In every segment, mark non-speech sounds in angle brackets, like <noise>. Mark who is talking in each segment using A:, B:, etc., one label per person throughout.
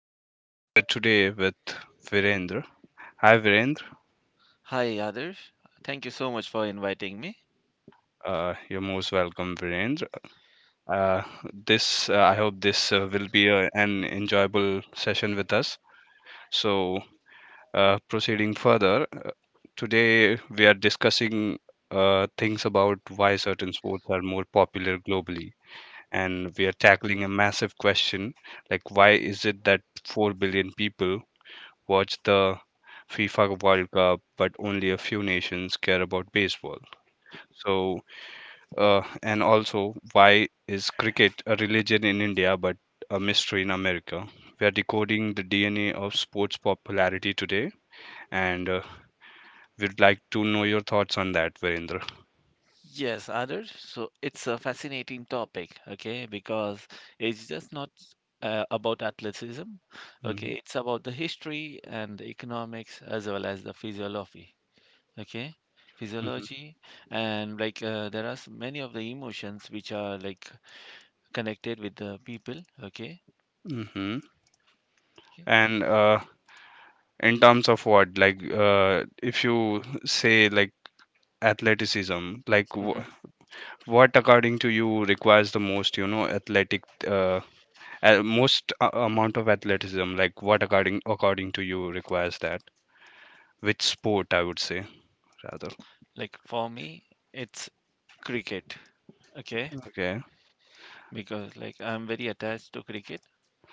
A: and I'm here today with Virendra. Hi, Virendra.
B: Hi, Adarsh. Thank you so much for inviting me.
A: You're most welcome, Virendra. Uh, this I hope this will be an enjoyable session with us. So, proceeding further, today we are discussing things about why certain sports are more popular globally. And we are tackling a massive question like why is it that 4 billion people watch the FIFA World Cup, but only a few nations care about baseball? So, and also why is cricket a religion in India but a mystery in America? We are decoding the DNA of sports popularity today, and we'd like to know your thoughts on that, Virendra.
B: Yes, Adarsh. So it's a fascinating topic, okay, because it's just not about athleticism,
A: Hmm.
B: okay, it's about the history and the economics as well as the physiology, okay,
A: Hmm.
B: physiology, and like there are many of the emotions which are like connected with the people, okay.
A: Hmm.
B: okay.
A: And in terms of what? Like, if you say like athleticism, like w
B: hmm
A: what according to you requires the most, you know, athletic, a- most a amount of athleticism? Like, what according to you requires that? Which sport, I would say, rather.
B: Like for me, it's cricket, okay,
A: Okay.
B: because like I'm very attached to cricket,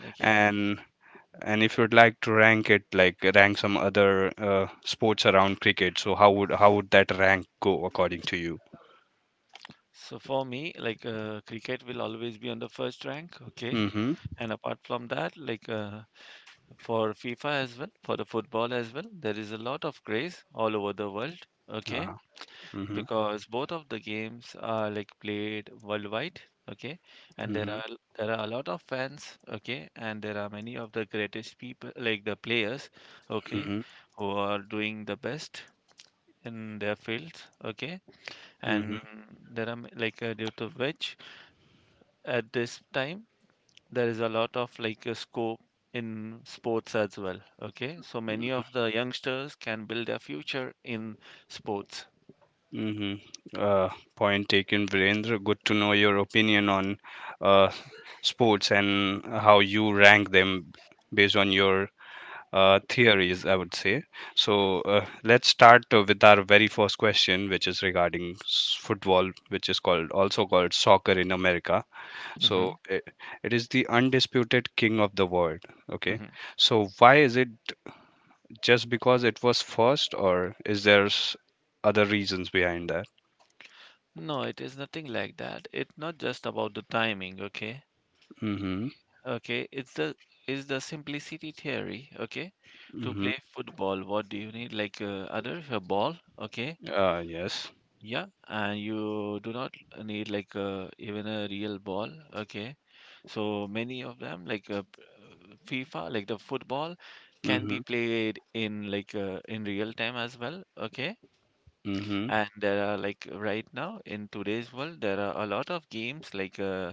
B: okay.
A: And and if you'd like to rank it, like rank some other sports around cricket, so how would that rank go according to you?
B: So for me, like cricket will always be on the first rank, okay.
A: Mm-hmm.
B: And apart from that, like for FIFA as well, for the football as well, there is a lot of craze all over the world, okay,
A: Uh-huh. Mm-hmm.
B: because both of the games are like played worldwide, okay, and there
A: Mm-hmm.
B: are there are a lot of fans, okay, and there are many of the greatest people, like the players, okay,
A: Mm-hmm.
B: who are doing the best in their fields, okay,
A: Mm-hmm.
B: and there are like due to which at this time there is a lot of like a scope in sports as well, okay, so many of the youngsters can build their future in sports.
A: Mm-hmm. Point taken, Virendra. Good to know your opinion on uh, sports and how you rank them based on your theories, I would say. So, let's start with our very first question, which is regarding football, which is called also called soccer in America. So
B: hmm
A: it is the undisputed king of the world. Okay.
B: hmm
A: So why is it just because it was first, or is there other reasons behind that?
B: no, it is nothing like that. It's not just about the timing, okay
A: Mm-hmm.
B: okay It's the simplicity theory, okay. To
A: Mm-hmm.
B: play football what do you need, like other a ball, okay?
A: Yes.
B: Yeah, and you do not need like even a real ball. Okay, so many of them like FIFA, like the football, can
A: Mm-hmm.
B: be played in like in real time as well. Okay,
A: Mm-hmm.
B: and there are like right now in today's world there are a lot of games like uh,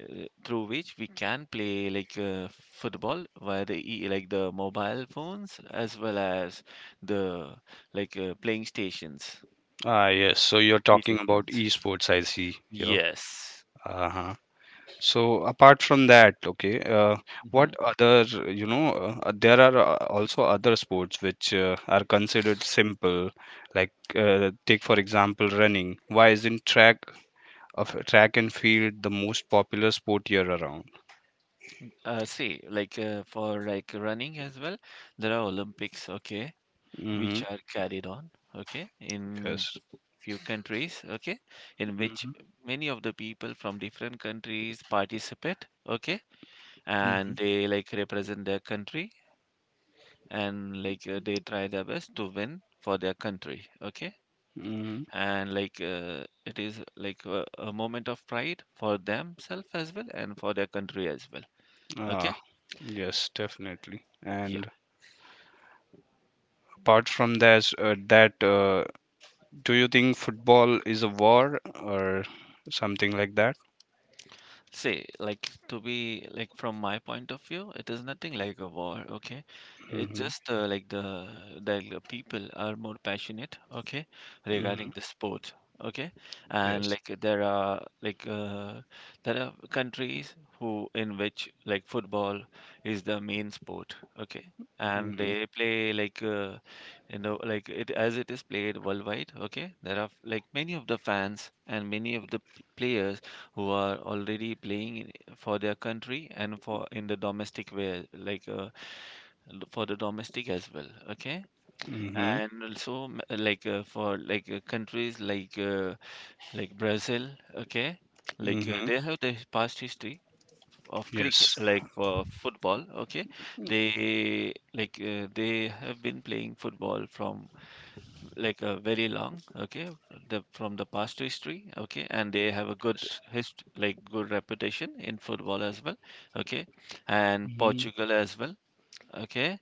B: uh, through which we can play like football via the e like the mobile phones as well as the like playing stations,
A: Ah, yes. So you're talking
B: video
A: about
B: games.
A: esports, I see here.
B: Yes.
A: Uh-huh. So apart from that, okay,
B: hmm
A: what other, you know, there are also other sports which are considered simple, like take for example running. Why isn't track and field the most popular sport year around?
B: see, like for like running as well, there are Olympics, okay,
A: Mm-hmm.
B: which are carried on, okay, in
A: Yes.
B: few countries, okay, in which
A: Mm-hmm.
B: many of the people from different countries participate, okay,
A: Mm-hmm.
B: and they like represent their country, and like they try their best to win for their country, okay,
A: Mm-hmm.
B: and like it is like a moment of pride for themselves as well and for their country as well, okay.
A: Ah, yes, definitely. And apart from that, do you think football is a war or something like that?
B: See, like to be like from my point of view, it is nothing like a war, okay? It's
A: Mm-hmm.
B: just like the people are more passionate, okay,
A: Mm-hmm.
B: regarding the sport, okay? And
A: Yes.
B: like there are countries who in which like football is the main sport, okay? And
A: Mm-hmm.
B: they play like you know like it as it is played worldwide, okay? There are like many of the fans and many of the players who are already playing for their country and for in the domestic way, like for the domestic as well. Okay,
A: Mm-hmm.
B: and also like for like countries like Brazil. Okay, like
A: Mm-hmm.
B: they have the past history of cricket,
A: Yes.
B: like for football. Okay, they like they have been playing football from like very long, okay, the from the past history, okay, and they have a good
A: Yes.
B: hist like good reputation in football as well, okay, and
A: Mm-hmm.
B: Portugal as well, okay.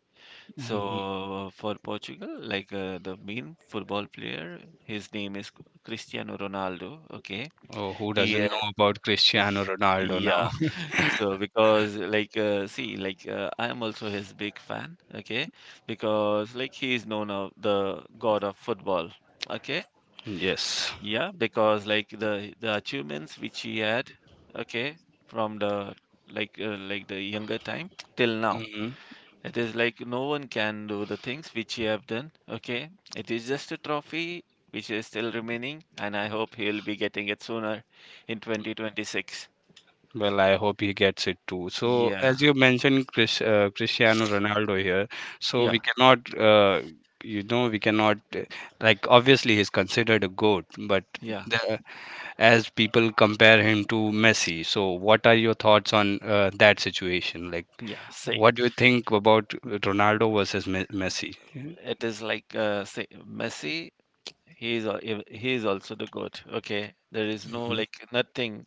A: Mm-hmm.
B: So for Portugal, like the main football player, his name is Cristiano Ronaldo, okay.
A: Oh, who
B: He
A: doesn't know about Cristiano
B: <laughs>
A: Ronaldo now?
B: yeah.
A: <laughs>
B: So because like see like I am also his big fan, okay, because like he is known of the god of football, okay.
A: Yes.
B: Yeah, because like the achievements which he had, okay, from the like the younger time till now,
A: Hmm.
B: it is like no one can do the things which he have done. Okay, it is just a trophy which is still remaining, and I hope he'll be getting it sooner in 2026.
A: Well, I hope he gets it too. So,
B: Yeah,
A: as you mentioned, Cristiano Ronaldo here, so
B: yeah,
A: we cannot, like, obviously he's considered a goat, but
B: yeah,
A: the, as people compare him to Messi. So, what are your thoughts on that situation? Like,
B: yeah. Say
A: what do you think about Ronaldo versus Messi?
B: it is like say Messi. He is al- he is also the goat. Okay, there is no
A: Mm-hmm.
B: like nothing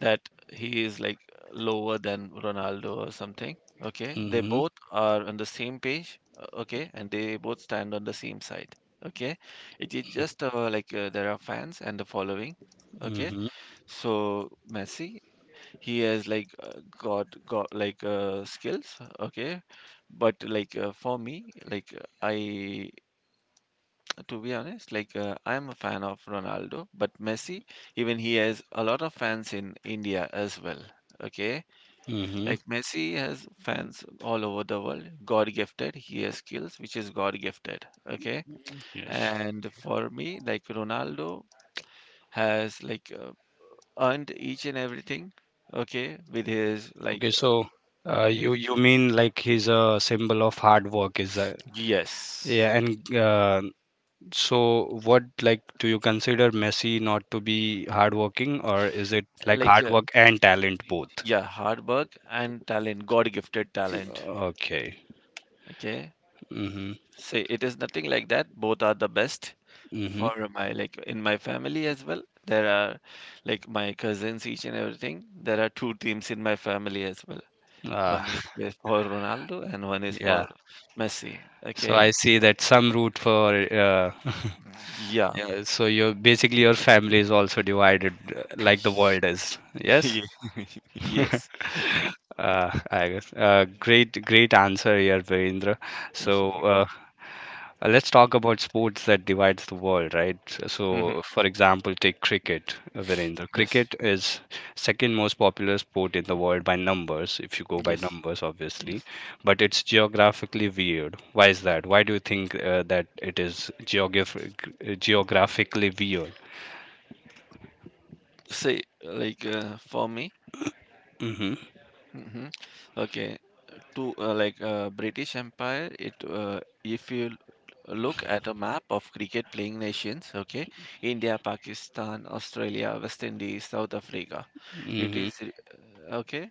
B: that he is like lower than Ronaldo or something. Okay, they
A: Mm-hmm.
B: both are on the same page. Okay, and they both stand on the same side. Okay, it is just like there are fans and the following. Okay,
A: Mm-hmm.
B: so Messi, he has like got like skills. Okay, but like for me, like I to be honest, like I am a fan of Ronaldo, but Messi, even he has a lot of fans in India as well. Okay,
A: Mm-hmm.
B: like Messi has fans all over the world, God gifted. He has skills which is God gifted. Okay,
A: Yes.
B: and for me, like Ronaldo has like earned each and everything. Okay, with his like
A: Okay, so
B: his
A: you mean like he's a symbol of hard work, is that?
B: yes,
A: Yeah, and so what like do you consider Messi not to be hardworking, or is it like
B: like
A: hard work and talent both?
B: yeah, hard work and talent, God gifted talent.
A: Okay.
B: Okay,
A: Mm-hmm.
B: see, it is nothing like that. Both are the best
A: Mm-hmm.
B: for my like in my family as well. There are like my cousins, each and everything. There are two teams in my family as well.
A: Uh,
B: One is for Ronaldo and one is
A: <laughs> yeah.
B: for Messi.
A: So I
B: Okay.
A: see that some root for <laughs>
B: Yeah.
A: yeah, so your basically your family is also divided like the world
B: <laughs>
A: is. Yes.
B: Ye- <laughs>
A: <laughs>
B: Yes.
A: I guess. Great, great answer here, Virendra. So,
B: <laughs>
A: let's talk about sports that divides the world, right?
B: Mhm.
A: So, for example, take cricket, Virender.
B: Yes.
A: Cricket is second most popular sport in the world by numbers, if you go by
B: Yes.
A: numbers, obviously.
B: Yes.
A: But it's geographically weird. Why is that? Why do you think that it is geographically weird?
B: Say like for me,
A: Mm-hmm.
B: hmm okay, to like British Empire, it if you look at a map of cricket playing nations, okay, India, Pakistan, Australia, West Indies, South Africa. It
A: Mm-hmm.
B: is okay,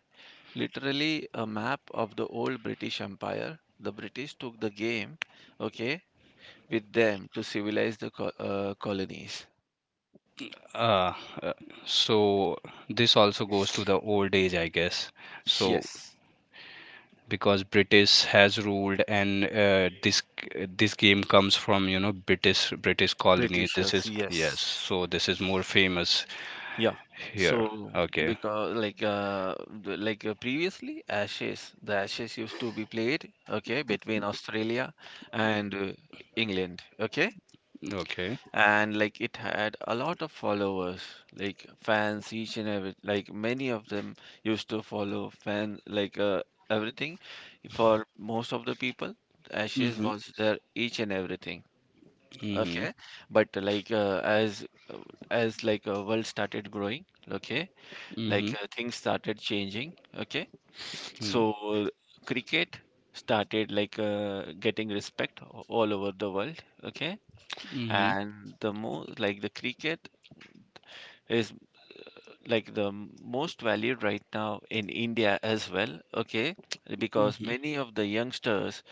B: literally a map of the old British Empire. The British took the game, okay, with them to civilize the co colonies.
A: Uh, uh, so this also goes to the old age, I guess. So
B: Yes,
A: because British has ruled, and this game comes from British colony. This
B: Britishers.
A: is yes,
B: Yes.
A: so this is more famous
B: Yeah.
A: here.
B: So
A: Okay,
B: because like like previously Ashes the Ashes used to be played, okay, between Australia and England, okay,
A: okay.
B: and like it had a lot of followers, like fans, each and every like many of them used to follow fan like everything. For most of the people, Ashes
A: Mhm.
B: was their each and everything,
A: Mhm.
B: okay, but like as like world started growing, okay, like
A: Mhm.
B: things started changing, okay,
A: Mhm.
B: so cricket started like getting respect all over the world, okay,
A: Mhm.
B: and the most like the cricket is like the most valued right now in India as well, okay, because
A: Mhm.
B: many of the youngsters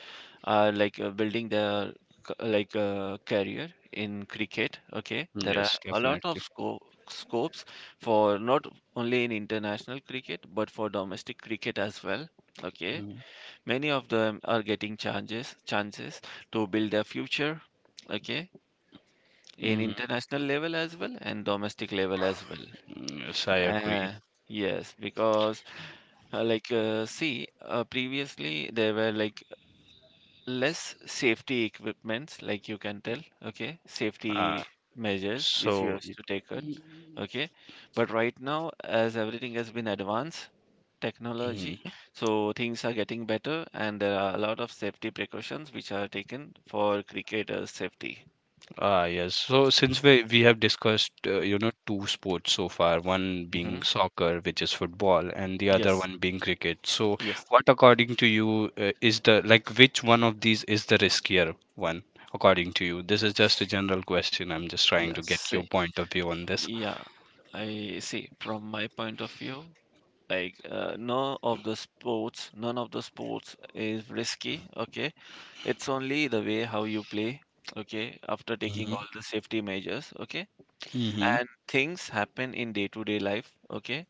B: are like building their like career in cricket. Okay, there are
A: Yes,
B: a lot of
A: definitely.
B: scopes for not only in international cricket but for domestic cricket as well. Okay,
A: Mhm.
B: many of them are getting chances to build their future. Okay, in
A: Mhm.
B: international level as well and domestic level as well.
A: Yes, I agree.
B: Uh, yes, because like see previously there were like less safety equipments, like you can tell, okay,
A: Uh,
B: safety measures which you
A: so.
B: have
A: it-
B: to take on, okay, but right now as everything has been advanced
A: Mhm.
B: technology, so things are getting better and there are a lot of safety precautions which are taken for cricketers safety.
A: Ah, yes. So since we have discussed, two sports so far, one being
B: hmm
A: soccer, which is football, and the other
B: yes,
A: one being cricket. So
B: yes,
A: what, according to you, is the like which one of these is the riskier one, according to you? This is just a general question. I'm just trying to
B: yes,
A: get your
B: see,
A: point of view on this.
B: yeah, I see from my point of view, like none of the sports is risky, okay. It's only the way how you play, okay, after taking
A: Mm-hmm.
B: all the safety measures, okay?
A: Mm-hmm.
B: And things happen in day-to-day life, okay?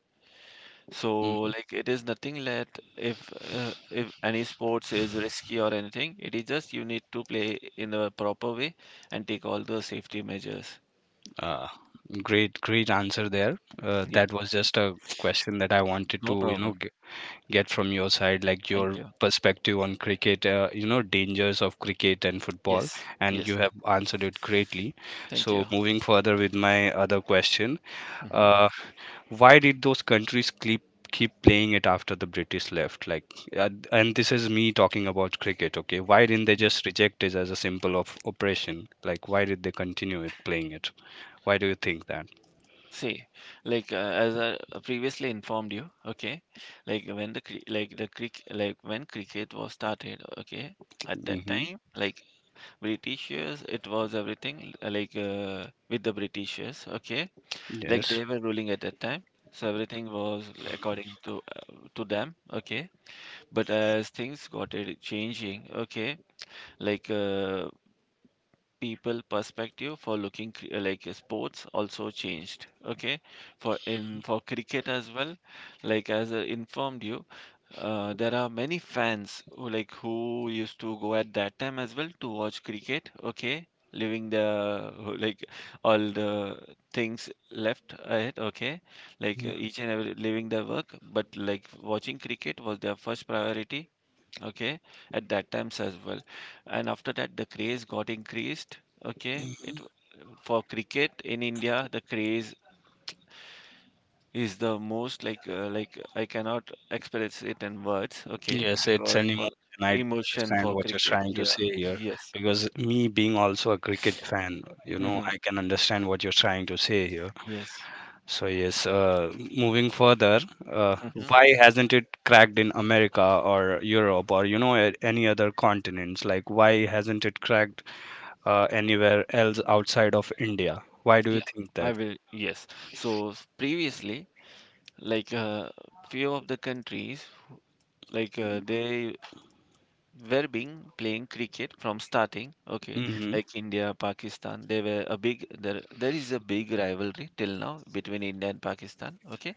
B: So
A: Mm,
B: like it is nothing that if any sports is risky or anything, it is just you need to play in a proper way and take all the safety measures.
A: uh, great, great answer there.
B: Yeah,
A: That was just a question that I wanted
B: no
A: to,
B: problem.
A: get from your side, like
B: Thank
A: your
B: you.
A: perspective on cricket, dangers of cricket and football,
B: Yes,
A: and you
B: yes.
A: have answered it greatly.
B: Thank
A: So,
B: you.
A: moving further with my other question,
B: hmm
A: uh, why did those countries keep playing it after the British left? Like, and this is me talking about cricket. Okay, why didn't they just reject it as a symbol of oppression? Like, why did they continue it playing it? Why do you think that?
B: See, like as I previously informed you, okay, like when the like the cric like when cricket was started, okay, at that
A: Hmm.
B: time, like Britishers, it was everything like with the Britishers, okay, like
A: Yes.
B: they were ruling at that time, so everything was according to them, okay. But as things got it changing, okay, like people perspective for looking like sports also changed, okay, for in for cricket as well, like as I informed you, there are many fans who like who used to go at that time as well to watch cricket, okay, leaving the who, like all the things left ahead, okay, like each and every leaving their work, but like watching cricket was their first priority, okay, at that times as well. And after that the craze got increased, okay, it for cricket in India the craze is the most like I cannot express it in words, okay,
A: Yes, it's
B: because
A: an emotion.
B: for
A: I do
B: emotion
A: understand
B: for
A: what you're
B: cricket.
A: trying to
B: Yeah,
A: say here
B: yes.
A: because me being also a cricket fan,
B: hmm
A: I can understand what you're trying to say here.
B: yes.
A: So yes, moving further, uh,
B: hmm
A: why hasn't it cracked in America or Europe or any other continents? Like why hasn't it cracked anywhere else outside of India? Why do you
B: yeah,
A: think
B: I
A: that?
B: will. Yes. So previously, like few of the countries, like they were being playing cricket from starting, okay,
A: Hmm.
B: like India, Pakistan, they were a big there is a big rivalry till now between India and Pakistan, okay.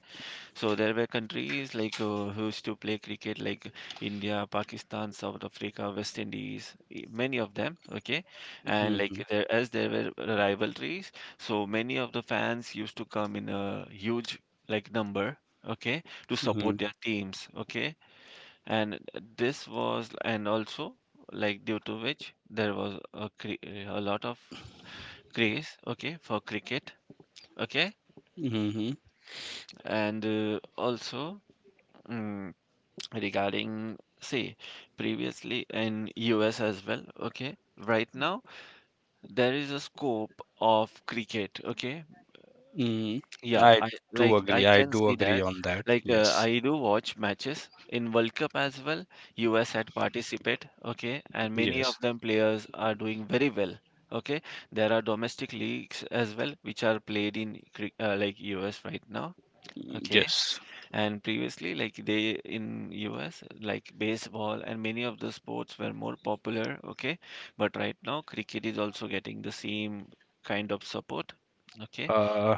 B: So there were countries like who used to play cricket like India, Pakistan, South Africa, West Indies, many of them, okay. And
A: Hmm.
B: as there were rivalries, so many of the fans used to come in a huge number, okay, to
A: Hmm.
B: support their teams, okay. And this was, and also like due to which there was a lot of craze, okay, for cricket, okay.
A: Hmm.
B: And also, mm, regarding, say, previously in US as well, okay. Right now there is a scope of cricket, okay.
A: Hmm.
B: Yeah,
A: I
B: I
A: do
B: I
A: agree. I
B: can
A: do
B: see
A: agree
B: that.
A: on that. Yes.
B: I do watch matches in World Cup as well. US had participate, okay, and many
A: Yes.
B: of them players are doing very well. Okay, there are domestic leagues as well which are played in like US right now. Okay,
A: Yes.
B: and previously like they in US, like baseball and many of the sports were more popular. Okay, but right now cricket is also getting the same kind of support. Okay,
A: Uh,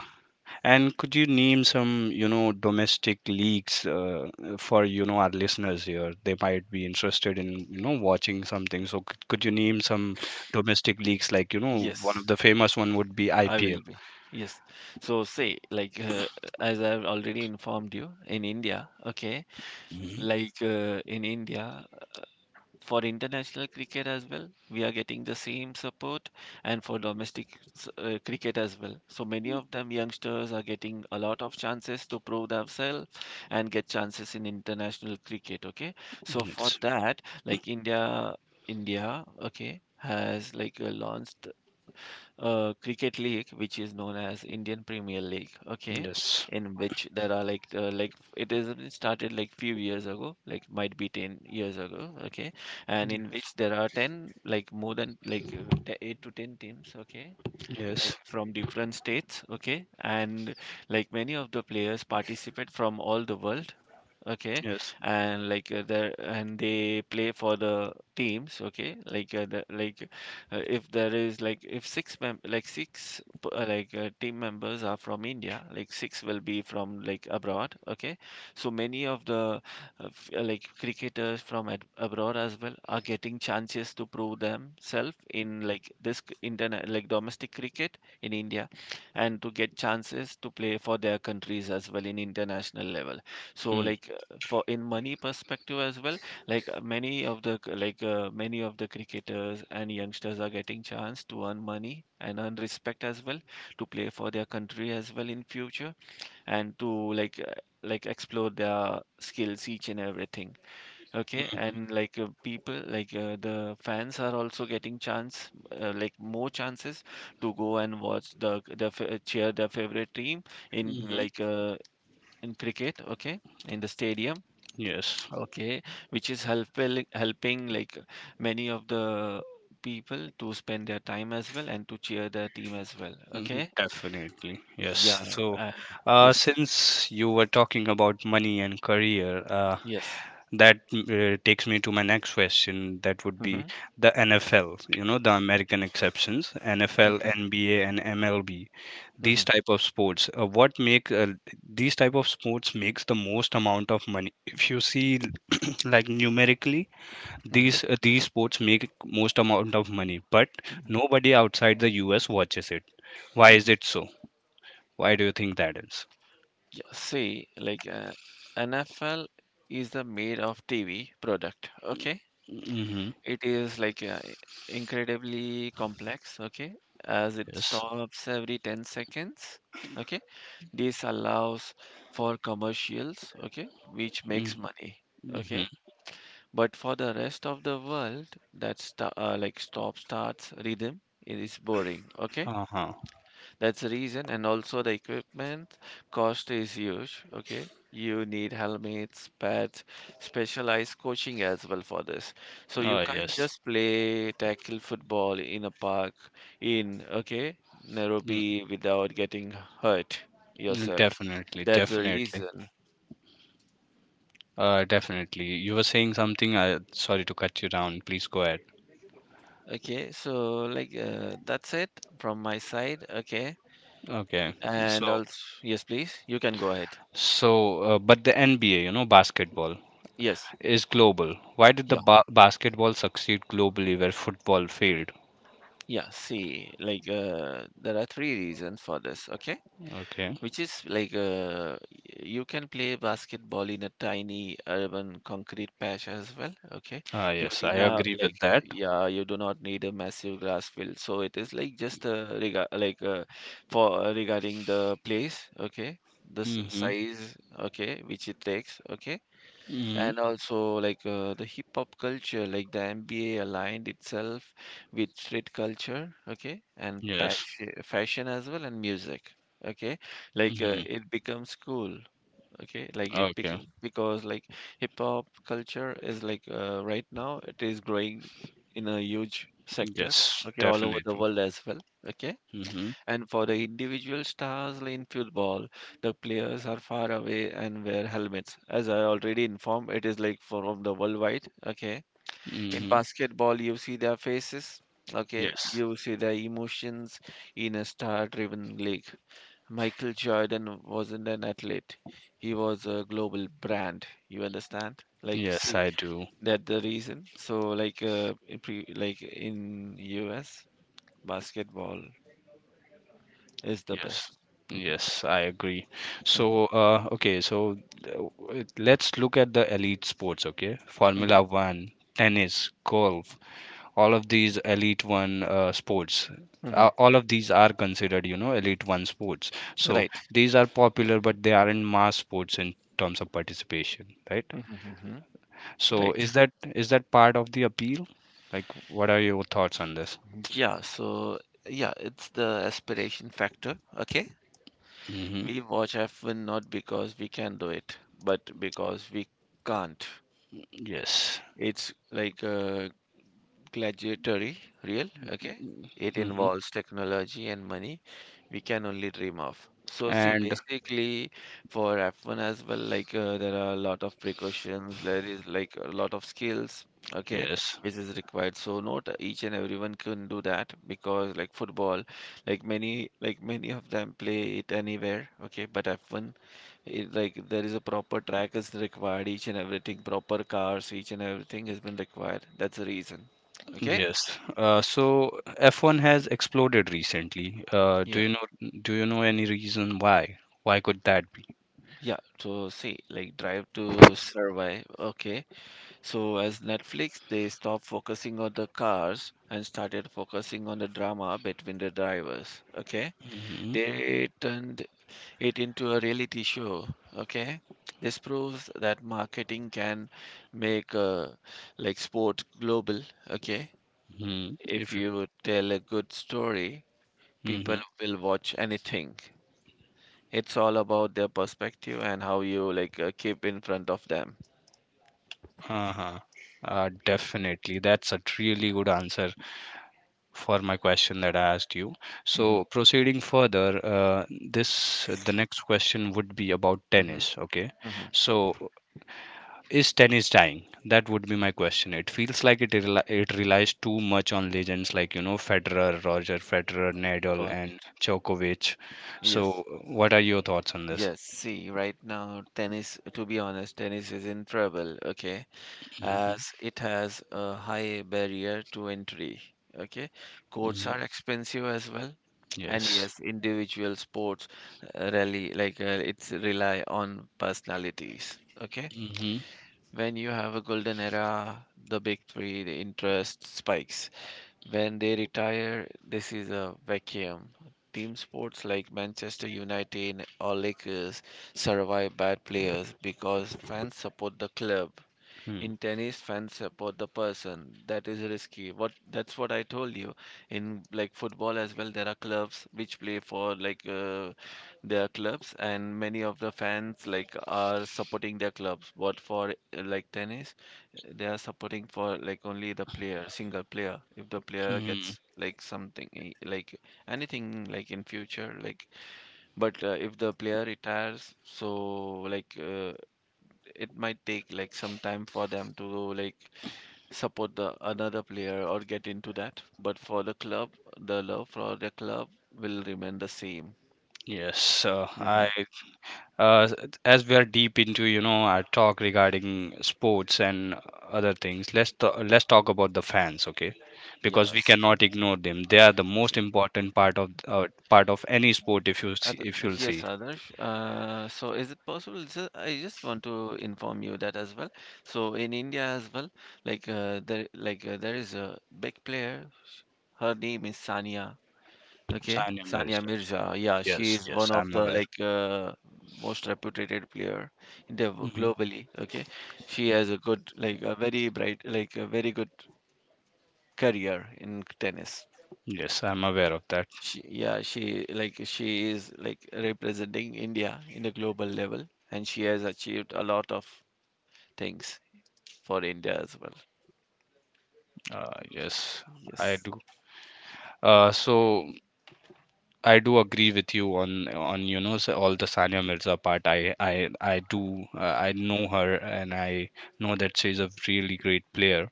A: and could you name some, domestic leagues for, our listeners here? They might be interested in, watching something. So could you name some domestic leagues like, one of
B: yes.
A: the famous one would be
B: I
A: IPL.
B: will be. Yes. So say as I've already informed you, in India, okay?
A: Hmm.
B: In India, for international cricket as well, we are getting the same support, and for domestic cricket as well. So many of them youngsters are getting a lot of chances to prove themselves and get chances in international cricket, okay? So for
A: Yes.
B: that, like India India, okay, has launched cricket league, which is known as Indian Premier League. Okay,
A: Yes.
B: in which there are it is it started like few years ago, like might be 10 years ago. Okay, and
A: Mm.
B: in which there are ten like more than eight to ten teams. Okay, like
A: Yes.
B: from different states. Okay, and like many of the players participate from all the world. Okay,
A: Yes.
B: and they play for the teams. Okay, like the, like if there is like if six mem like six team members are from India, like six will be from like abroad. Okay, so many of the like cricketers from ad abroad as well are getting chances to prove themselves in like this c- internet like domestic cricket in India, and to get chances to play for their countries as well in international level. So
A: Mm.
B: like, for in money perspective as well, many of the cricketers and youngsters are getting chance to earn money and earn respect as well, to play for their country as well in future, and to explore their skills, each and everything. Okay, and people, the fans are also getting chance, like more chances, to go and watch cheer their favorite team in
A: Mm-hmm.
B: in cricket, okay, in the stadium.
A: Yes.
B: Okay, which is helping like many of the people to spend their time as well and to cheer their team as well.
A: Mhm.
B: Okay,
A: Definitely. Yes.
B: yeah,
A: So,
B: uh, yes,
A: since you were talking about money and career,
B: yes.
A: that takes me to my next question that would be
B: Mm-hmm.
A: the NFL, the American exceptions, NFL,
B: Mm-hmm.
A: NBA, and MLB.
B: Mm-hmm.
A: These type of sports, what make these type of sports makes the most amount of money, if you see, <clears throat> like numerically,
B: Mm-hmm.
A: these sports make most amount of money, but
B: Mm-hmm.
A: nobody outside the US watches it. Why is
B: Mm-hmm.
A: it so? Why do you think that is?
B: Yeah, see, NFL is the made of TV product. Okay,
A: Mm-hmm.
B: it is incredibly complex. Okay, as it
A: Yes.
B: stops every 10 seconds. Okay, this allows for commercials, okay, which
A: Mm-hmm.
B: makes money,
A: Mm-hmm.
B: okay. But for the rest of the world, that's sta like stop starts rhythm, it is boring, okay.
A: Uh-huh.
B: That's the reason, and also the equipment cost is huge, okay. You need helmets, pads, specialized coaching as well for this. So you
A: Oh,
B: can't
A: yes.
B: just play tackle football in a park in, okay,
A: Mm.
B: Nairobi without getting hurt
A: Mm.
B: yourself.
A: Definitely,
B: That's the
A: definitely.
B: reason.
A: Definitely. You were saying something. I sorry to cut you down. Please go ahead.
B: Okay, so that's it from my side. Okay,
A: Okay.
B: and
A: So,
B: also yes, please, you can go ahead.
A: so, but the NBA, basketball
B: Yes,
A: is global. Why did the
B: yeah,
A: ba basketball succeed globally where football failed?
B: yeah. See, there are three reasons for this. Okay,
A: Okay.
B: which is you can play basketball in a tiny urban concrete patch as well, okay.
A: Ah,
B: You
A: yes,
B: do
A: I
B: not
A: agree with that.
B: yeah, you do not need a massive grass field, so it is like just rega- like for regarding the place, okay, the
A: Mm-hmm.
B: size, okay, which it takes, okay.
A: Mm-hmm.
B: And also, the hip hop culture, like the NBA aligned itself with street culture, okay, and
A: Yes.
B: passion, fashion as well, and music, okay.
A: Mm-hmm.
B: It becomes cool, okay. Like it
A: Okay.
B: became because like hip hop culture is right now it is growing in a huge sector,
A: Yes,
B: okay, all over
A: definitely.
B: the world as well, okay.
A: Mm-hmm.
B: And for the individual stars in football, the players are far away and wear helmets. As I already informed, it is like from the worldwide. Okay. In
A: Mm-hmm.
B: basketball, you see their faces. Okay.
A: Yes.
B: You see their emotions in a star driven league. Michael Jordan wasn't an athlete, he was a global brand. You understand? Like,
A: Yes,
B: see,
A: I do.
B: that the reason. So, like, in in US, basketball is the
A: Yes,
B: best.
A: yes, I agree.
B: <laughs>
A: So, uh, let's look at the elite sports, okay?
B: Mhm,
A: Formula One, tennis, golf, all of these elite one sports.
B: mhm.
A: All of these are considered, elite one sports. So
B: Right.
A: these are popular, but they aren't mass sports in terms of participation, right?
B: Mm-hmm.
A: So
B: Right.
A: is that part of the appeal? Like, what are your thoughts on this?
B: Yeah. So yeah, it's the aspiration factor. Okay.
A: Mm-hmm.
B: We watch F1 not because we can do it, but because we can't.
A: Yes.
B: It's like a gladiatory real, okay? It
A: Mm-hmm.
B: involves technology and money we can only dream of. So see,
A: And
B: basically for F1 as well, there are a lot of precautions, there is like a lot of skills, okay,
A: yes.
B: which is required. So not each and everyone can do that, because like football, many of them play it anywhere, okay, but F1 it, like there is a proper track is required, each and everything, proper cars, each and everything has been required. That's the reason. Okay.
A: Yes. So F1 has exploded recently. Do
B: Yeah.
A: you know any reason why? Why could that be?
B: Yeah, so see, like Drive to Survive. Okay, so as Netflix, they stopped focusing on the cars and started focusing on the drama between the drivers. Okay,
A: Hmm.
B: they turned it into a reality show. Okay, this proves that marketing can make like sport global. Okay,
A: Hmm.
B: if
A: If you,
B: you tell a good story, people
A: Hmm.
B: will watch anything. It's all about their perspective and how you keep in front of them.
A: Uh-huh. Definitely. That's a really good answer for my question that I asked you.
B: Hmm.
A: So proceeding further, this the next question would be about
B: Hmm.
A: tennis. Okay.
B: Hmm.
A: So, is tennis dying? That would be my question. It feels like it relies too much on legends like Roger Federer, Nadal,
B: Got it.
A: and Djokovic.
B: Yes.
A: So, what are your thoughts on this?
B: Yes. See, right now, tennis, to be honest, tennis is in trouble, okay,
A: Hmm.
B: as it has a high barrier to entry. Okay. Courts
A: Hmm.
B: are expensive as well. And
A: Yes.
B: yes, individual sports really it's rely on personalities. Okay.
A: Hmm.
B: When you have a golden era, the big three, the interest spikes. When they retire, this is a vacuum. Team sports like Manchester United or Lakers survive bad players because fans support the club.
A: Hmm.
B: In tennis, fans support the person. That is risky, what that's what I told you. In like football as well, there are clubs which play for their clubs, and many of the fans like are supporting their clubs. What for like tennis, they are supporting for like only the player, single player. If the player
A: Hmm.
B: gets like something like anything like in future like, but if the player retires, so like uh, it might take like some time for them to like support the another player or get into that. But for the club, the love for the club will remain the same.
A: Yes, I
B: Hmm.
A: uh, as we are deep into our talk regarding sports and other things, let's let's talk about the fans. Okay, because we
B: Yes.
A: cannot ignore them, they are the most
B: Yeah.
A: important part of any sport
B: Ad-
A: if you'll
B: yes,
A: see.
B: Adarsh. So is it possible? I just want to inform you that as well. So in India as well, there is a big player. Her name is Sania. Okay,
A: Sania
B: Sania
A: Mirza.
B: Mirza. Yeah, she
A: Yes,
B: is
A: yes,
B: one of
A: I'm
B: the
A: aware.
B: most reputed player in the
A: Hmm.
B: globally. Okay, she has a good, like a very bright, like a very good career in tennis.
A: Yes, I'm aware of that.
B: She, yeah, she she is like representing India in the global level, and she has achieved a lot of things for India as well.
A: Yes, I
B: Yes.
A: do. So I do agree with you on all the Sania Mirza part. I know her and I know that she's a really great player.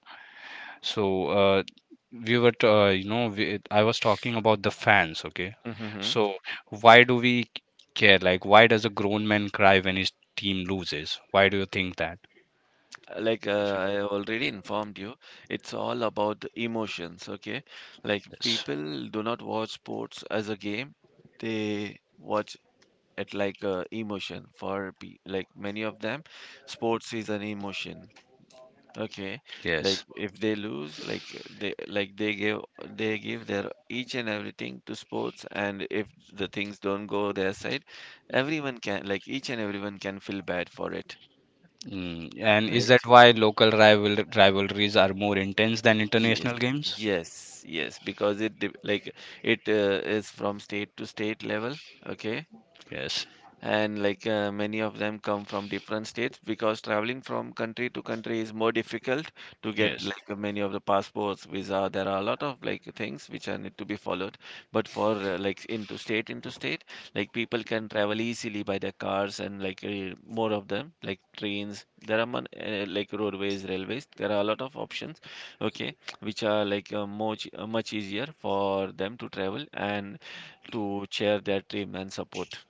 A: So, we were t- you know we, I was talking about the fans. Okay,
B: Hmm.
A: so why do we care? Like why does a grown man cry when his team loses? Why do you think that?
B: I have already informed you, it's all about the emotions, okay? Like
A: Yes.
B: people do not watch sports as a game, they watch it emotion for like many of them, sports is an emotion. Okay, like
A: Yes.
B: if they lose, they like they give they give their each and everything to sports, and if the things don't go their side, everyone can each and everyone can feel bad for it,
A: Mm. And is that
B: right?
A: why local rivalries are more intense than
B: Yes,
A: international games?
B: yes, yes, because it dep- like it is from state to state level, okay?
A: Yes.
B: And many of them come from different states, because traveling from country to country is more difficult, to get
A: Yes.
B: many of the passports, visa, there are a lot of like things which are need to be followed. But for into state, like people can travel easily by their cars and more of them like trains, there are like roadways, railways, there are a lot of options, okay, which are much easier for them to travel and to share their dream and support.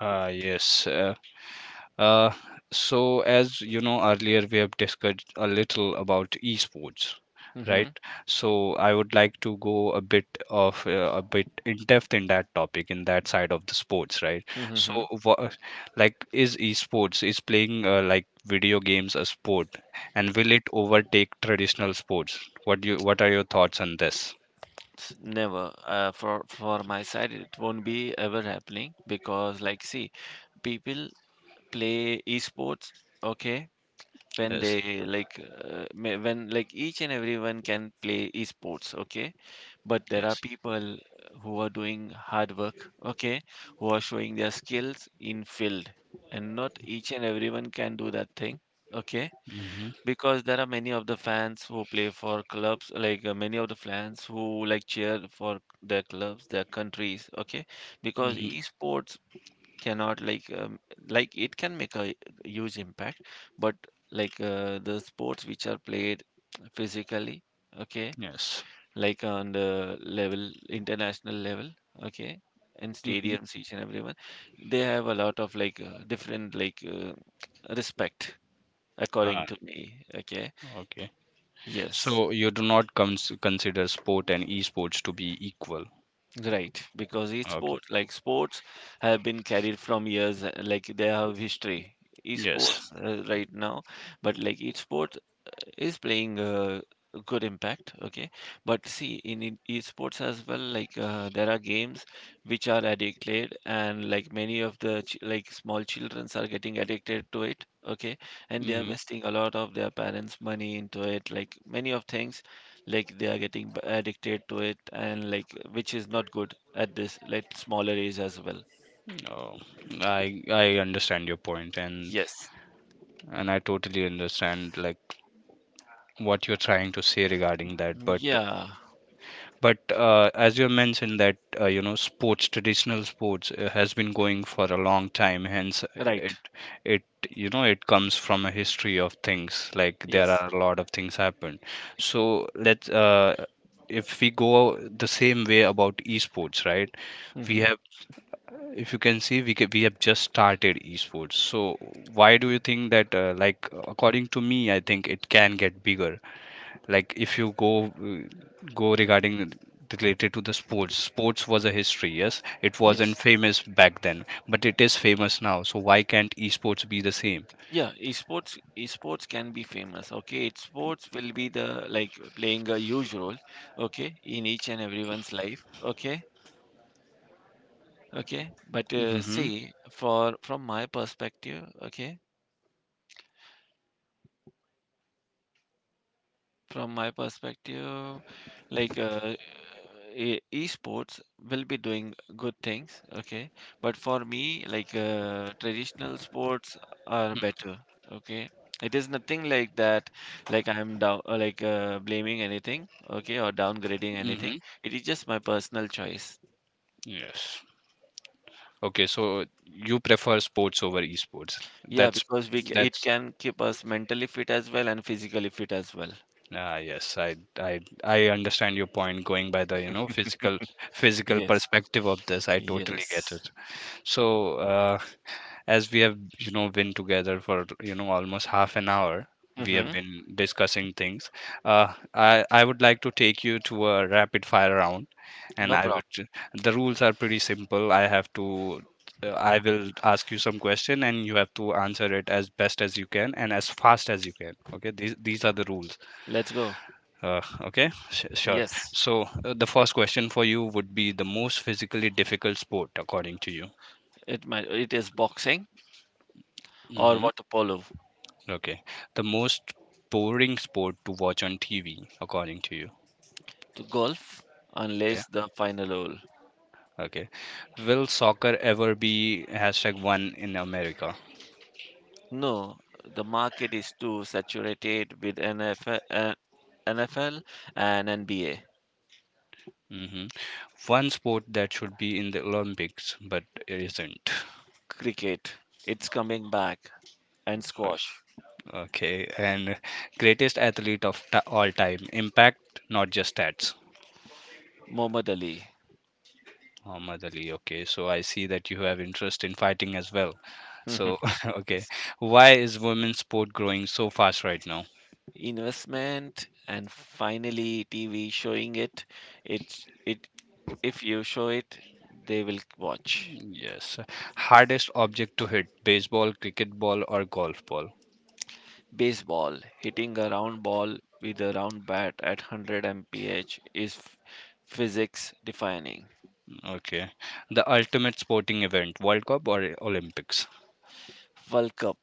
A: Ah, yes. Uh, so, as you know, earlier we have discussed a little about esports, right?
B: Hmm.
A: So, I would like to go a bit in depth in that topic, in that side of the sports, right? So,
B: Mhm.
A: like, is is playing like video games a sport, and will it overtake traditional sports? What are your thoughts on this?
B: Never. For my side, it won't be ever happening because, like, see, people play esports, okay, when
A: Yes,
B: they when like each and everyone can play esports, okay, but there are
A: yes.
B: people who are doing hard work, okay, who are showing their skills in field, and not each and everyone can do that thing, okay.
A: Mm-hmm.
B: Because there are many of the fans who play for clubs many of the fans who like cheer for their clubs their countries, okay, because
A: Mm-hmm.
B: esports cannot like it can make a huge impact, but the sports which are played physically, okay,
A: Yes.
B: like on the level international level, okay, in
A: Mm-hmm.
B: stadiums each and everyone, they have a lot of different respect according
A: Ah,
B: to me, okay.
A: okay.
B: Yes,
A: So you do not consider sport and esports to be equal.
B: right. Because
A: Okay.
B: esports, like sports, have been carried from years, like they have history.
A: Yes.
B: Esports, right now, but like esports uh, is playing a good impact. Okay, but see, in esports as well, there are games which are addicted, and like many of the ch like small childrens are getting addicted to it. Okay, and they are
A: Hmm.
B: wasting a lot of their parents' money into it, like many of things like they are getting addicted to it, and like which is not good at this like smaller age as well.
A: Oh, I understand your point, and
B: Yes.
A: and I totally understand like what you're trying to say regarding that.
B: Mm,
A: But
B: yeah.
A: As you mentioned that you know sports, traditional sports has been going for a long time. Hence, it
B: Right.
A: it you know it comes from a history of things. Like there
B: Yes.
A: are a lot of things happened. So let's if we go the same way about esports, right? We
B: Hmm.
A: have, if you can see, we have just started esports. So why do you think that? Like according to me, I think it can get bigger like if you go go regarding related to the sports. Was a history, yes, it wasn't
B: Yes,
A: famous back then, but it is famous now, so why can't esports be the same?
B: yeah, esports can be famous. Okay, esports will be the like playing a huge role, okay, in each and everyone's life, okay. Okay, but
A: Mm-hmm.
B: see, for from my perspective, okay. From my perspective, like uh, esports will be doing good things, okay? But for me, traditional sports are better, okay? It is nothing like that, like I'm blaming anything, okay, or
A: Mm-hmm.
B: downgrading anything. It is just my personal choice.
A: Yes. Okay, so you prefer sports over esports, that's
B: Yeah, because
A: that's
B: it can keep us mentally fit as well and physically fit as well.
A: ah yes, I understand your point going by the you know physical
B: Yes,
A: perspective of this, I totally get
B: yes.
A: it. So as we have you know been together for you know almost half an hour, we have
B: Mm-hmm.
A: been discussing things. I would like to take you to a rapid fire round, and
B: No
A: I
B: problem.
A: would. The rules are pretty simple. I have to I will ask you some question and you have to answer it as best as you can and as fast as you can. Okay, these are the rules.
B: Let's go.
A: Okay. Sure.
B: Yes.
A: So the first question for you would be the most physically difficult sport according to you.
B: It is boxing or
A: Mm-hmm.
B: water polo,
A: Okay. The most boring sport to watch on TV, according to you.
B: to golf,
A: Okay.
B: unless the final hole.
A: Okay. Will soccer ever be #1 in America?
B: No, the market is too saturated with NFL and NBA.
A: Hmm. One sport that should be in the Olympics, but it isn't.
B: Cricket, it's coming back, and
A: O-
B: squash.
A: Okay. And greatest athlete of all time. Impact, not just stats.
B: Muhammad Ali.
A: Muhammad Ali. Okay. So I see that you have interest in fighting as well. So,
B: <laughs>
A: <laughs> okay.
B: Yes.
A: Why is women's sport growing so fast right now?
B: Investment and finally TV showing it. It, if you show it, they will watch.
A: Yes. Hardest object to hit, baseball, cricket ball, or golf ball?
B: Baseball, hitting a round ball with a round bat at 100 mph is physics defining.
A: Okay. The ultimate sporting event, World Cup or Olympics?
B: World Cup,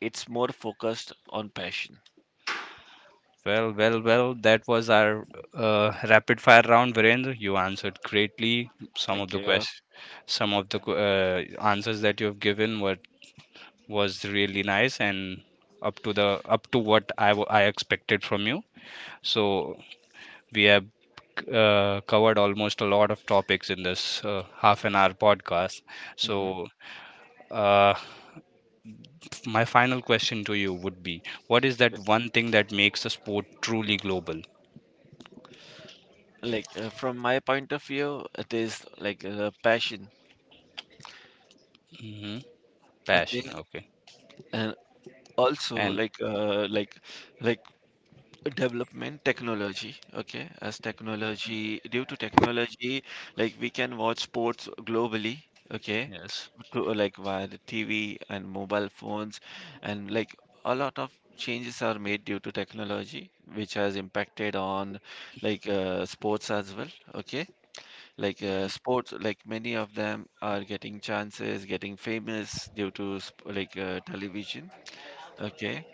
B: it's more focused on passion.
A: Well, well, well, that was our rapid fire round, Virendra. You answered greatly. Some of
B: Thank
A: the
B: you.
A: questions, some of the answers that you've given were was really nice and up to the up to what I expected from you. So we have covered almost a lot of topics in this half an hour podcast.
B: Hmm.
A: So, uh, my final question to you would be, what is that
B: Yes.
A: one thing that makes a sport truly global?
B: From my point of view, it is passion.
A: Hmm.
B: Okay,
A: Passion, okay.
B: and also
A: And
B: like development technology, okay, as technology, due to technology, like we can watch sports globally, okay,
A: yes.
B: like via the TV and mobile phones, and like a lot of changes are made due to technology which has impacted on sports as well, okay, sports, like many of them are getting chances, getting famous due to television, okay,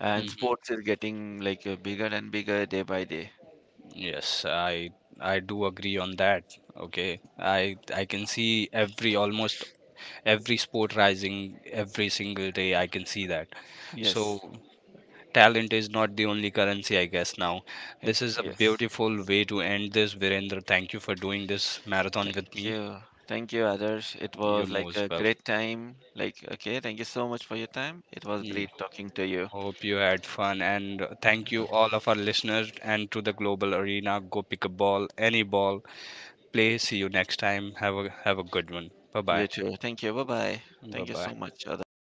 B: and
A: Hmm.
B: sports is getting bigger and bigger day by day.
A: Yes, I do agree on that. Okay. I can see every almost every sport rising every single day. I can see that.
B: Yes,
A: So talent is not the only currency, I guess. Now,
B: it.
A: this is a
B: Yes.
A: beautiful way to end this, Virendra. Thank you for doing this marathon
B: Thank
A: with me.
B: you. Thank you, Adarsh. It
A: You're
B: was like a
A: most welcome.
B: great time. Like, okay, thank you so much for your time. It was
A: Yeah,
B: great talking to you.
A: hope you had fun, and thank
B: Uh,
A: you all of our listeners and to the global arena. Go pick a ball, any ball. Play. See you next time. Have a good one. Bye
B: You
A: bye.
B: too. Thank you. Bye bye.
A: Bye
B: Thank you so
A: bye.
B: much, Adarsh.